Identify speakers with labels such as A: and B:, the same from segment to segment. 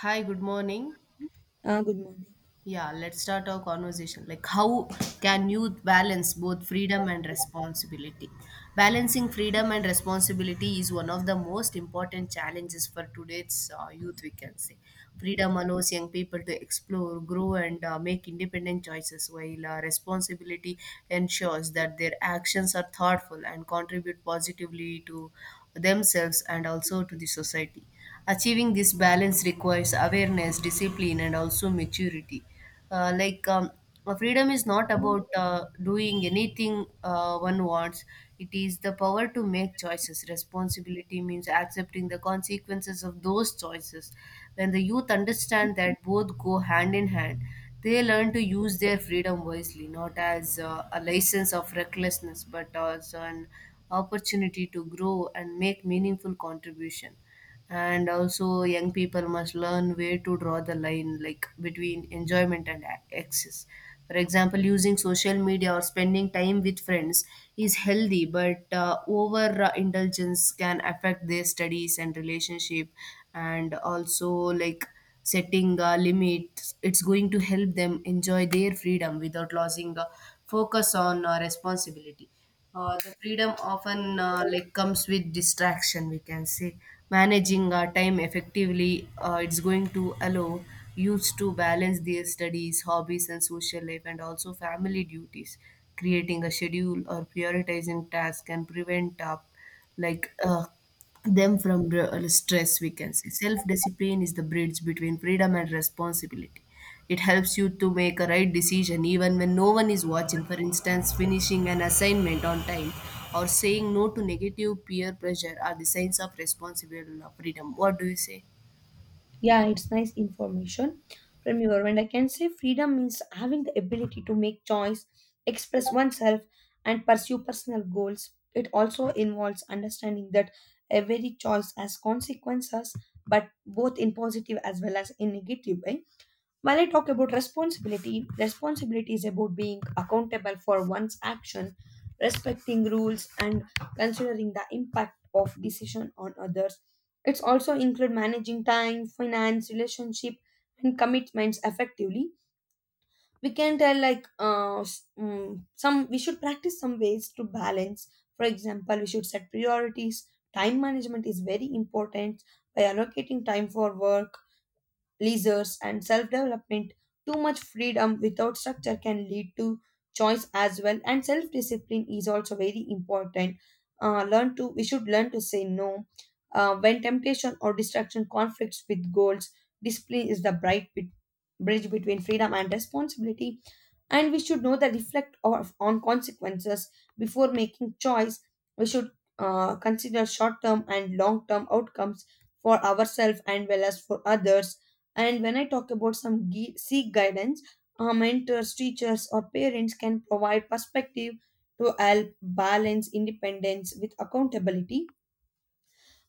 A: Hi, good morning.
B: Good morning.
A: Yeah, let's start our conversation. Like, how can youth balance both freedom and responsibility? Balancing freedom and responsibility is one of the most important challenges for today's youth, we can say. Freedom allows young people to explore, grow, and make independent choices, while responsibility ensures that their actions are thoughtful and contribute positively to themselves and also to the society. Achieving this balance requires awareness, discipline, and also maturity. Uh, like um, Freedom is not about doing anything one wants. It is the power to make choices. Responsibility means accepting the consequences of those choices. When the youth understand that both go hand in hand, they learn to use their freedom wisely, not as a license of recklessness, but as an opportunity to grow and make meaningful contribution. And also, young people must learn where to draw the line, like between enjoyment and excess. For example, using social media or spending time with friends is healthy, but over indulgence can affect their studies and relationship. And also, like, setting a limit, it's going to help them enjoy their freedom without losing focus on responsibility. The freedom often, like, comes with distraction, we can say. Managing our time effectively, it's going to allow youths to balance their studies, hobbies, and social life, and also family duties. Creating a schedule or prioritizing tasks can prevent like uh, them from the stress, we can say. Self discipline is the bridge between freedom and responsibility. It helps you to make a right decision even when no one is watching. For instance, finishing an assignment on time or saying no to negative peer pressure are the signs of responsible freedom. What do you say?
B: Yeah, it's nice information from your end. I can say freedom means having the ability to make choice, express oneself, and pursue personal goals. It also involves understanding that every choice has consequences, but both in positive as well as in negative way. While I talk about responsibility, responsibility is about being accountable for one's action, respecting rules, and considering the impact of decision on others. It's also include managing time, finance, relationship, and commitments effectively. We can tell like some we should practice some ways to balance. For example, we should set priorities. Time management is very important by allocating time for work, leisures, and self development. Too much freedom without structure can lead to choice as well, and self discipline is also very important. Learn to We should learn to say no when temptation or distraction conflicts with goals. Discipline is the bridge between freedom and responsibility, and we should know the reflect of, on consequences before making choice. We should consider short term and long term outcomes for ourselves and well as for others. And when I talk about seek guidance, mentors, teachers, or parents can provide perspective to help balance independence with accountability.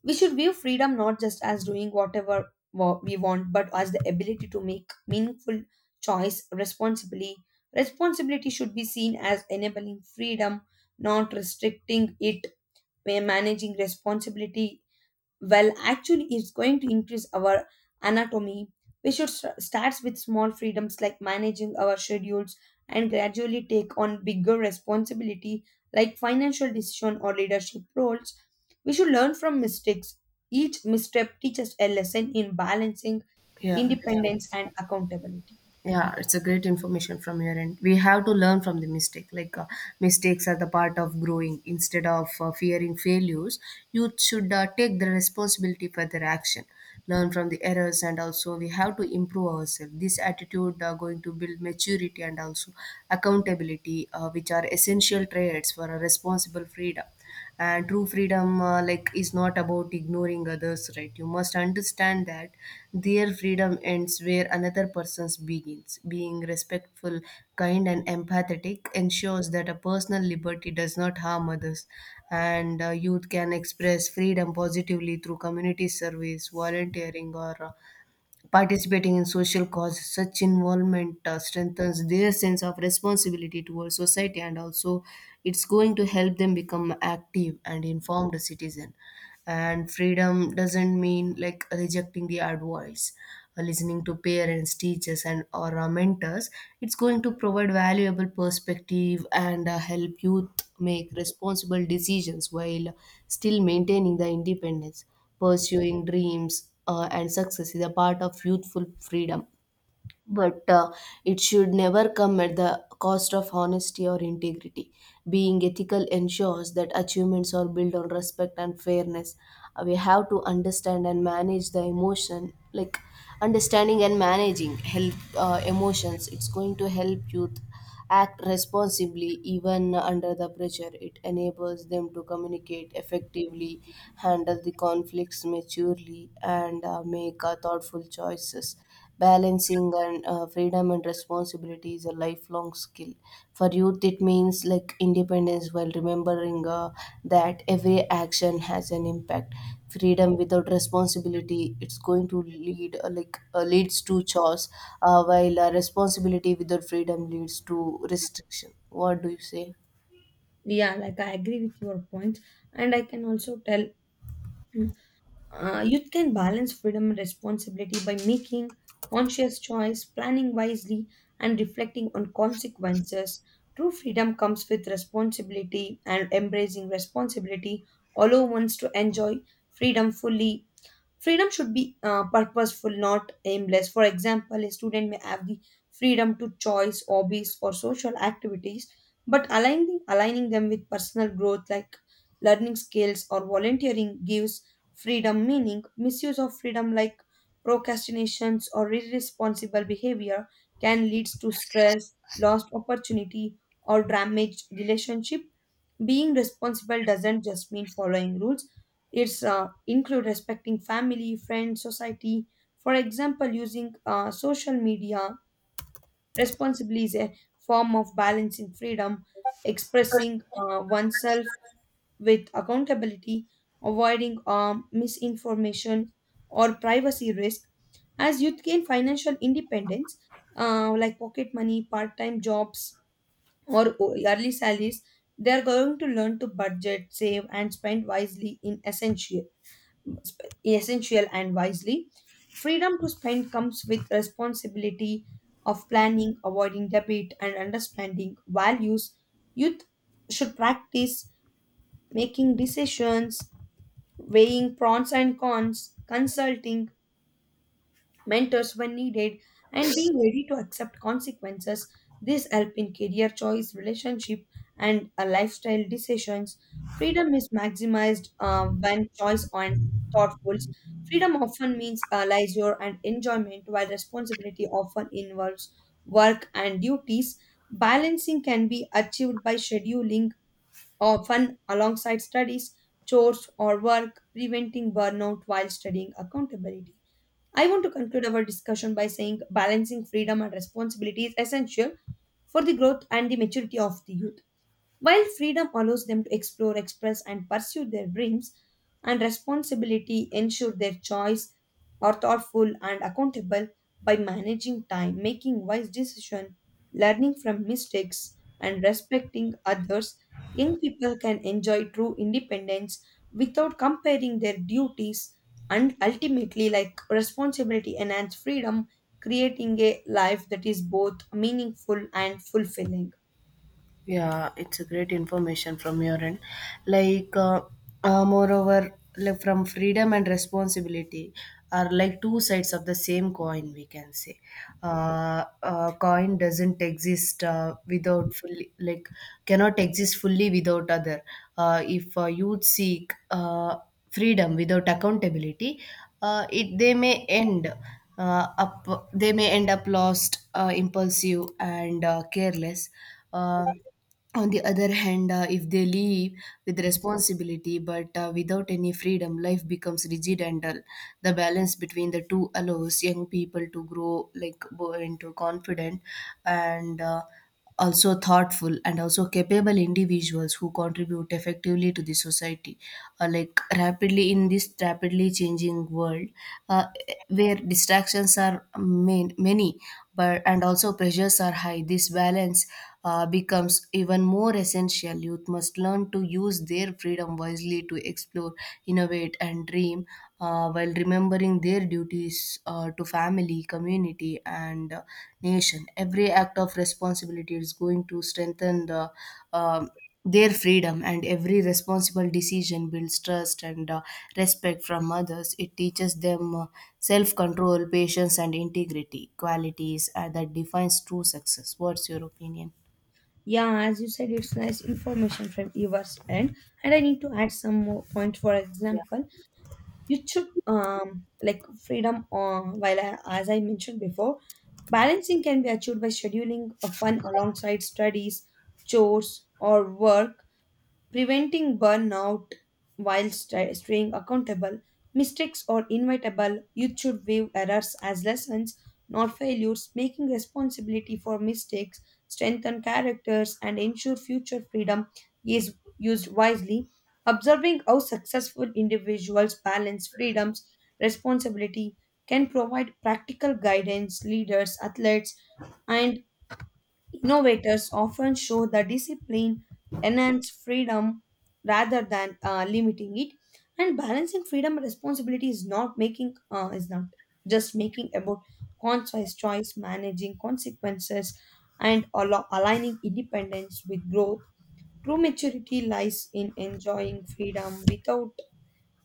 B: We should view freedom not just as doing we want, but as the ability to make meaningful choice responsibly. Responsibility should be seen as enabling freedom, not restricting it. We're managing responsibility well actually is going to increase our anatomy. We should start with small freedoms like managing our schedules and gradually take on bigger responsibility, like financial decision or leadership roles. We should learn from mistakes. Each misstep teaches a lesson in balancing
A: Yeah, definitely.
B: independence and accountability.
A: Yeah, it's a great information from your end. We have to learn from the mistake, like, mistakes are the part of growing. Instead of fearing failures, youth should take the responsibility for their action, learn from the errors, and also we have to improve ourselves. This attitude are going to build maturity and also accountability, which are essential traits for a responsible freedom. And true freedom, like, is not about ignoring others right. You must understand that their freedom ends where another person's begins. Being respectful, kind, and empathetic ensures that a personal liberty does not harm others. And youth can express freedom positively through community service, volunteering, or participating in social causes. Such involvement strengthens their sense of responsibility towards society, and also it's going to help them become active and informed citizen. And freedom doesn't mean, like, rejecting the advice. Listening to parents, teachers, and or our mentors, it's going to provide valuable perspective and help youth make responsible decisions while still maintaining the independence. Pursuing dreams and success is a part of youthful freedom, but it should never come at the cost of honesty or integrity. Being ethical ensures that achievements are built on respect and fairness. We have to understand and manage the emotion, like, understanding and managing help emotions. It's going to help youth act responsibly even under the pressure. It enables them to communicate effectively, handle the conflicts maturely, and make thoughtful choices. Balancing and freedom and responsibility is a lifelong skill. For youth, it means, like, independence, while remembering that every action has an impact. Freedom without responsibility, it's going to leads to chores, while responsibility without freedom leads to restriction. What do you say?
B: Yeah, like I agree with your point, and I can also tell youth can balance freedom and responsibility by making conscious choice, planning wisely, and reflecting on consequences. True freedom comes with responsibility, and embracing responsibility allows ones to enjoy freedom fully. Freedom should be purposeful, not aimless. For example, a student may have the freedom to choice hobbies or social activities, but aligning them with personal growth like learning skills or volunteering gives freedom meaning. Misuse of freedom like procrastinations or irresponsible behavior can lead to stress, lost opportunity, or damaged relationship. Being responsible doesn't just mean following rules. It's include respecting family, friends, society. For example, using social media responsibly is a form of balancing freedom, expressing oneself with accountability, avoiding misinformation or privacy risk. As youth gain financial independence, like pocket money, part-time jobs, or yearly salaries, they are going to learn to budget, save, and spend wisely in essential and wisely. Freedom to spend comes with responsibility of planning, avoiding debit, and understanding values. Youth should practice making decisions, weighing pros and cons, consulting mentors when needed, and being ready to accept consequences. This help in career choice, relationship, and lifestyle decisions. Freedom is maximized when choice and thoughtful. Freedom often means leisure and enjoyment, while responsibility often involves work and duties. Balancing can be achieved by scheduling or fun alongside studies, chores, or work, preventing burnout while studying accountability. I want to conclude our discussion by saying balancing freedom and responsibility is essential for the growth and the maturity of the youth. While freedom allows them to explore, express, and pursue their dreams, and responsibility ensure their choice are thoughtful and accountable, by managing time, making wise decisions, learning from mistakes, and respecting others, young people can enjoy true independence without comparing their duties, and ultimately like responsibility enhance freedom, creating a life that is both meaningful and fulfilling.
A: Yeah, it's a great information from your end. Like, uh, Moreover, like, from freedom and responsibility are like two sides of the same coin, we can say. Coin doesn't exist without fully, like, cannot exist fully without other. If you seek, freedom without accountability, it they may end up lost, impulsive, and careless. Uh, on the other hand, if they live with responsibility but without any freedom, life becomes rigid and dull. The balance between the two allows young people to grow into confident and also thoughtful and also capable individuals who contribute effectively to the society. Like rapidly In this rapidly changing world, uh, where distractions are many, but and also pressures are high, this balance becomes even more essential. Youth must learn to use their freedom wisely to explore, innovate, and dream, while remembering their duties to family, community, and nation. Every act of responsibility is going to strengthen um their freedom. And every responsible decision builds trust and respect from others. It teaches them self-control, patience, and integrity, qualities that defines true success. What's your opinion?
B: Yeah, as you said, it's nice information from your end, and I need to add some more point. For example, you should like freedom on while I, as I mentioned before, balancing can be achieved by scheduling a fun alongside studies, chores, or work. Preventing burnout while staying accountable, mistakes are inevitable. Youth should view errors as lessons, not failures. Making responsibility for mistakes strengthen characters and ensure future freedom is used wisely. Observing how successful individuals balance freedoms, responsibility can provide practical guidance. Leaders, athletes, and innovators often show the discipline enhance freedom rather than limiting it, and balancing freedom and responsibility is not making is not just making about conscious choice, managing consequences, and aligning independence with growth. True maturity lies in enjoying freedom without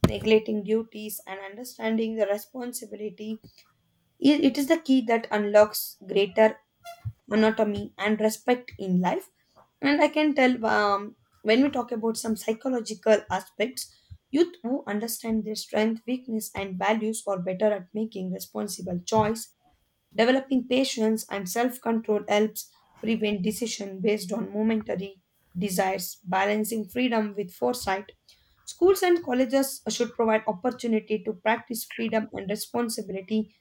B: neglecting duties and understanding the responsibility. It is the key that unlocks greater monotony and respect in life. And I can tell when we talk about some psychological aspects, youth who understand their strength, weakness, and values are better at making responsible choice. Developing patience and self-control helps prevent decision based on momentary desires, balancing freedom with foresight. Schools and colleges should provide opportunity to practice freedom and responsibility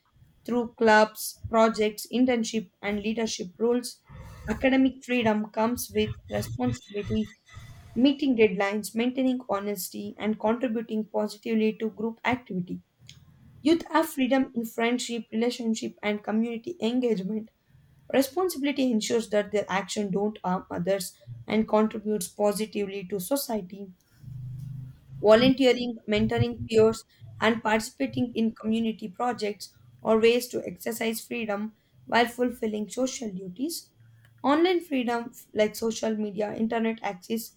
B: through clubs, projects, internship, and leadership roles. Academic freedom comes with responsibility, meeting deadlines, maintaining honesty, and contributing positively to group activity. Youth have freedom in friendship, relationship, and community engagement. Responsibility ensures that their action don't harm others and contributes positively to society. Volunteering, mentoring peers, and participating in community projects are ways to exercise freedom while fulfilling social duties. Online freedom, like social media, internet access,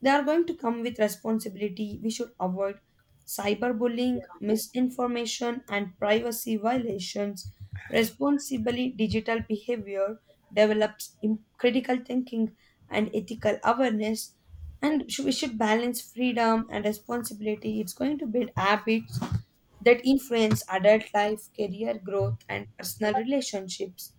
B: they are going to come with responsibility. We should avoid cyberbullying, misinformation, and privacy violations. Responsibly digital behavior develops critical thinking and ethical awareness. And we should balance freedom and responsibility. It's going to build habits that influence adult life, career growth, and personal relationships.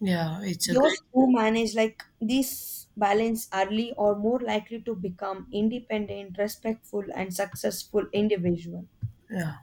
A: Yeah, it's a great
B: Those who manage like this balance early are more likely to become independent, respectful, and successful individual.
A: yeah,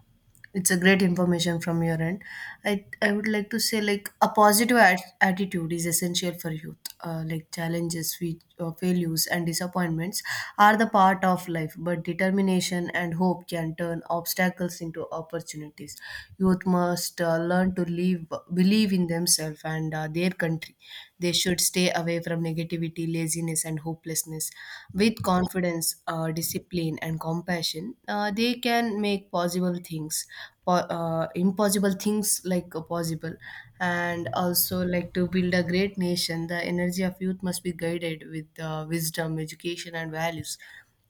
A: it's a great information from your end. I would like to say, like, a positive attitude is essential for youth. Like, challenges, failures, and disappointments are the part of life. But determination and hope can turn obstacles into opportunities. Youth must learn to live, believe in themselves and their country. They should stay away from negativity, laziness, and hopelessness. With confidence, discipline, and compassion, they can make possible things, impossible things, like, possible. And also, like, to build a great nation, the energy of youth must be guided with wisdom, education, and values.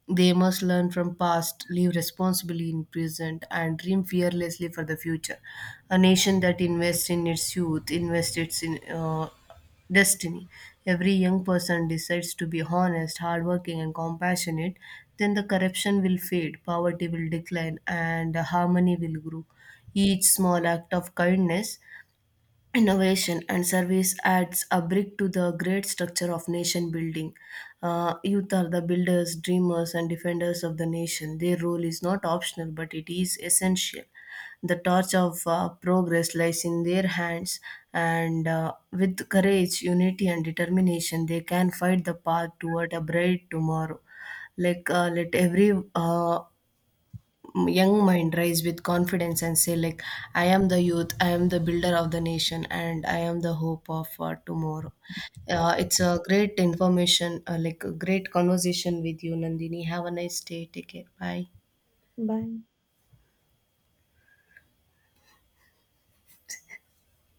A: They must learn from past, live responsibly in present, and dream fearlessly for the future. A nation that invests in its youth invests its in destiny. Every young person decides to be honest, hardworking, and compassionate, then the corruption will fade, poverty will decline, and harmony will grow. Each small act of kindness, innovation, and service adds a brick to the great structure of nation building. Uh, youth are the builders, dreamers, and defenders of the nation. Their role is not optional, but it is essential. The torch of progress lies in their hands. And with courage, unity, and determination, they can fight the path toward a bright tomorrow. Let every young mind rise with confidence and say, like, I am the youth, I am the builder of the nation, and I am the hope of tomorrow. Uh, it's a great information, like, a great conversation with you, Nandini. Have a nice day. Take care. Bye.
B: Bye.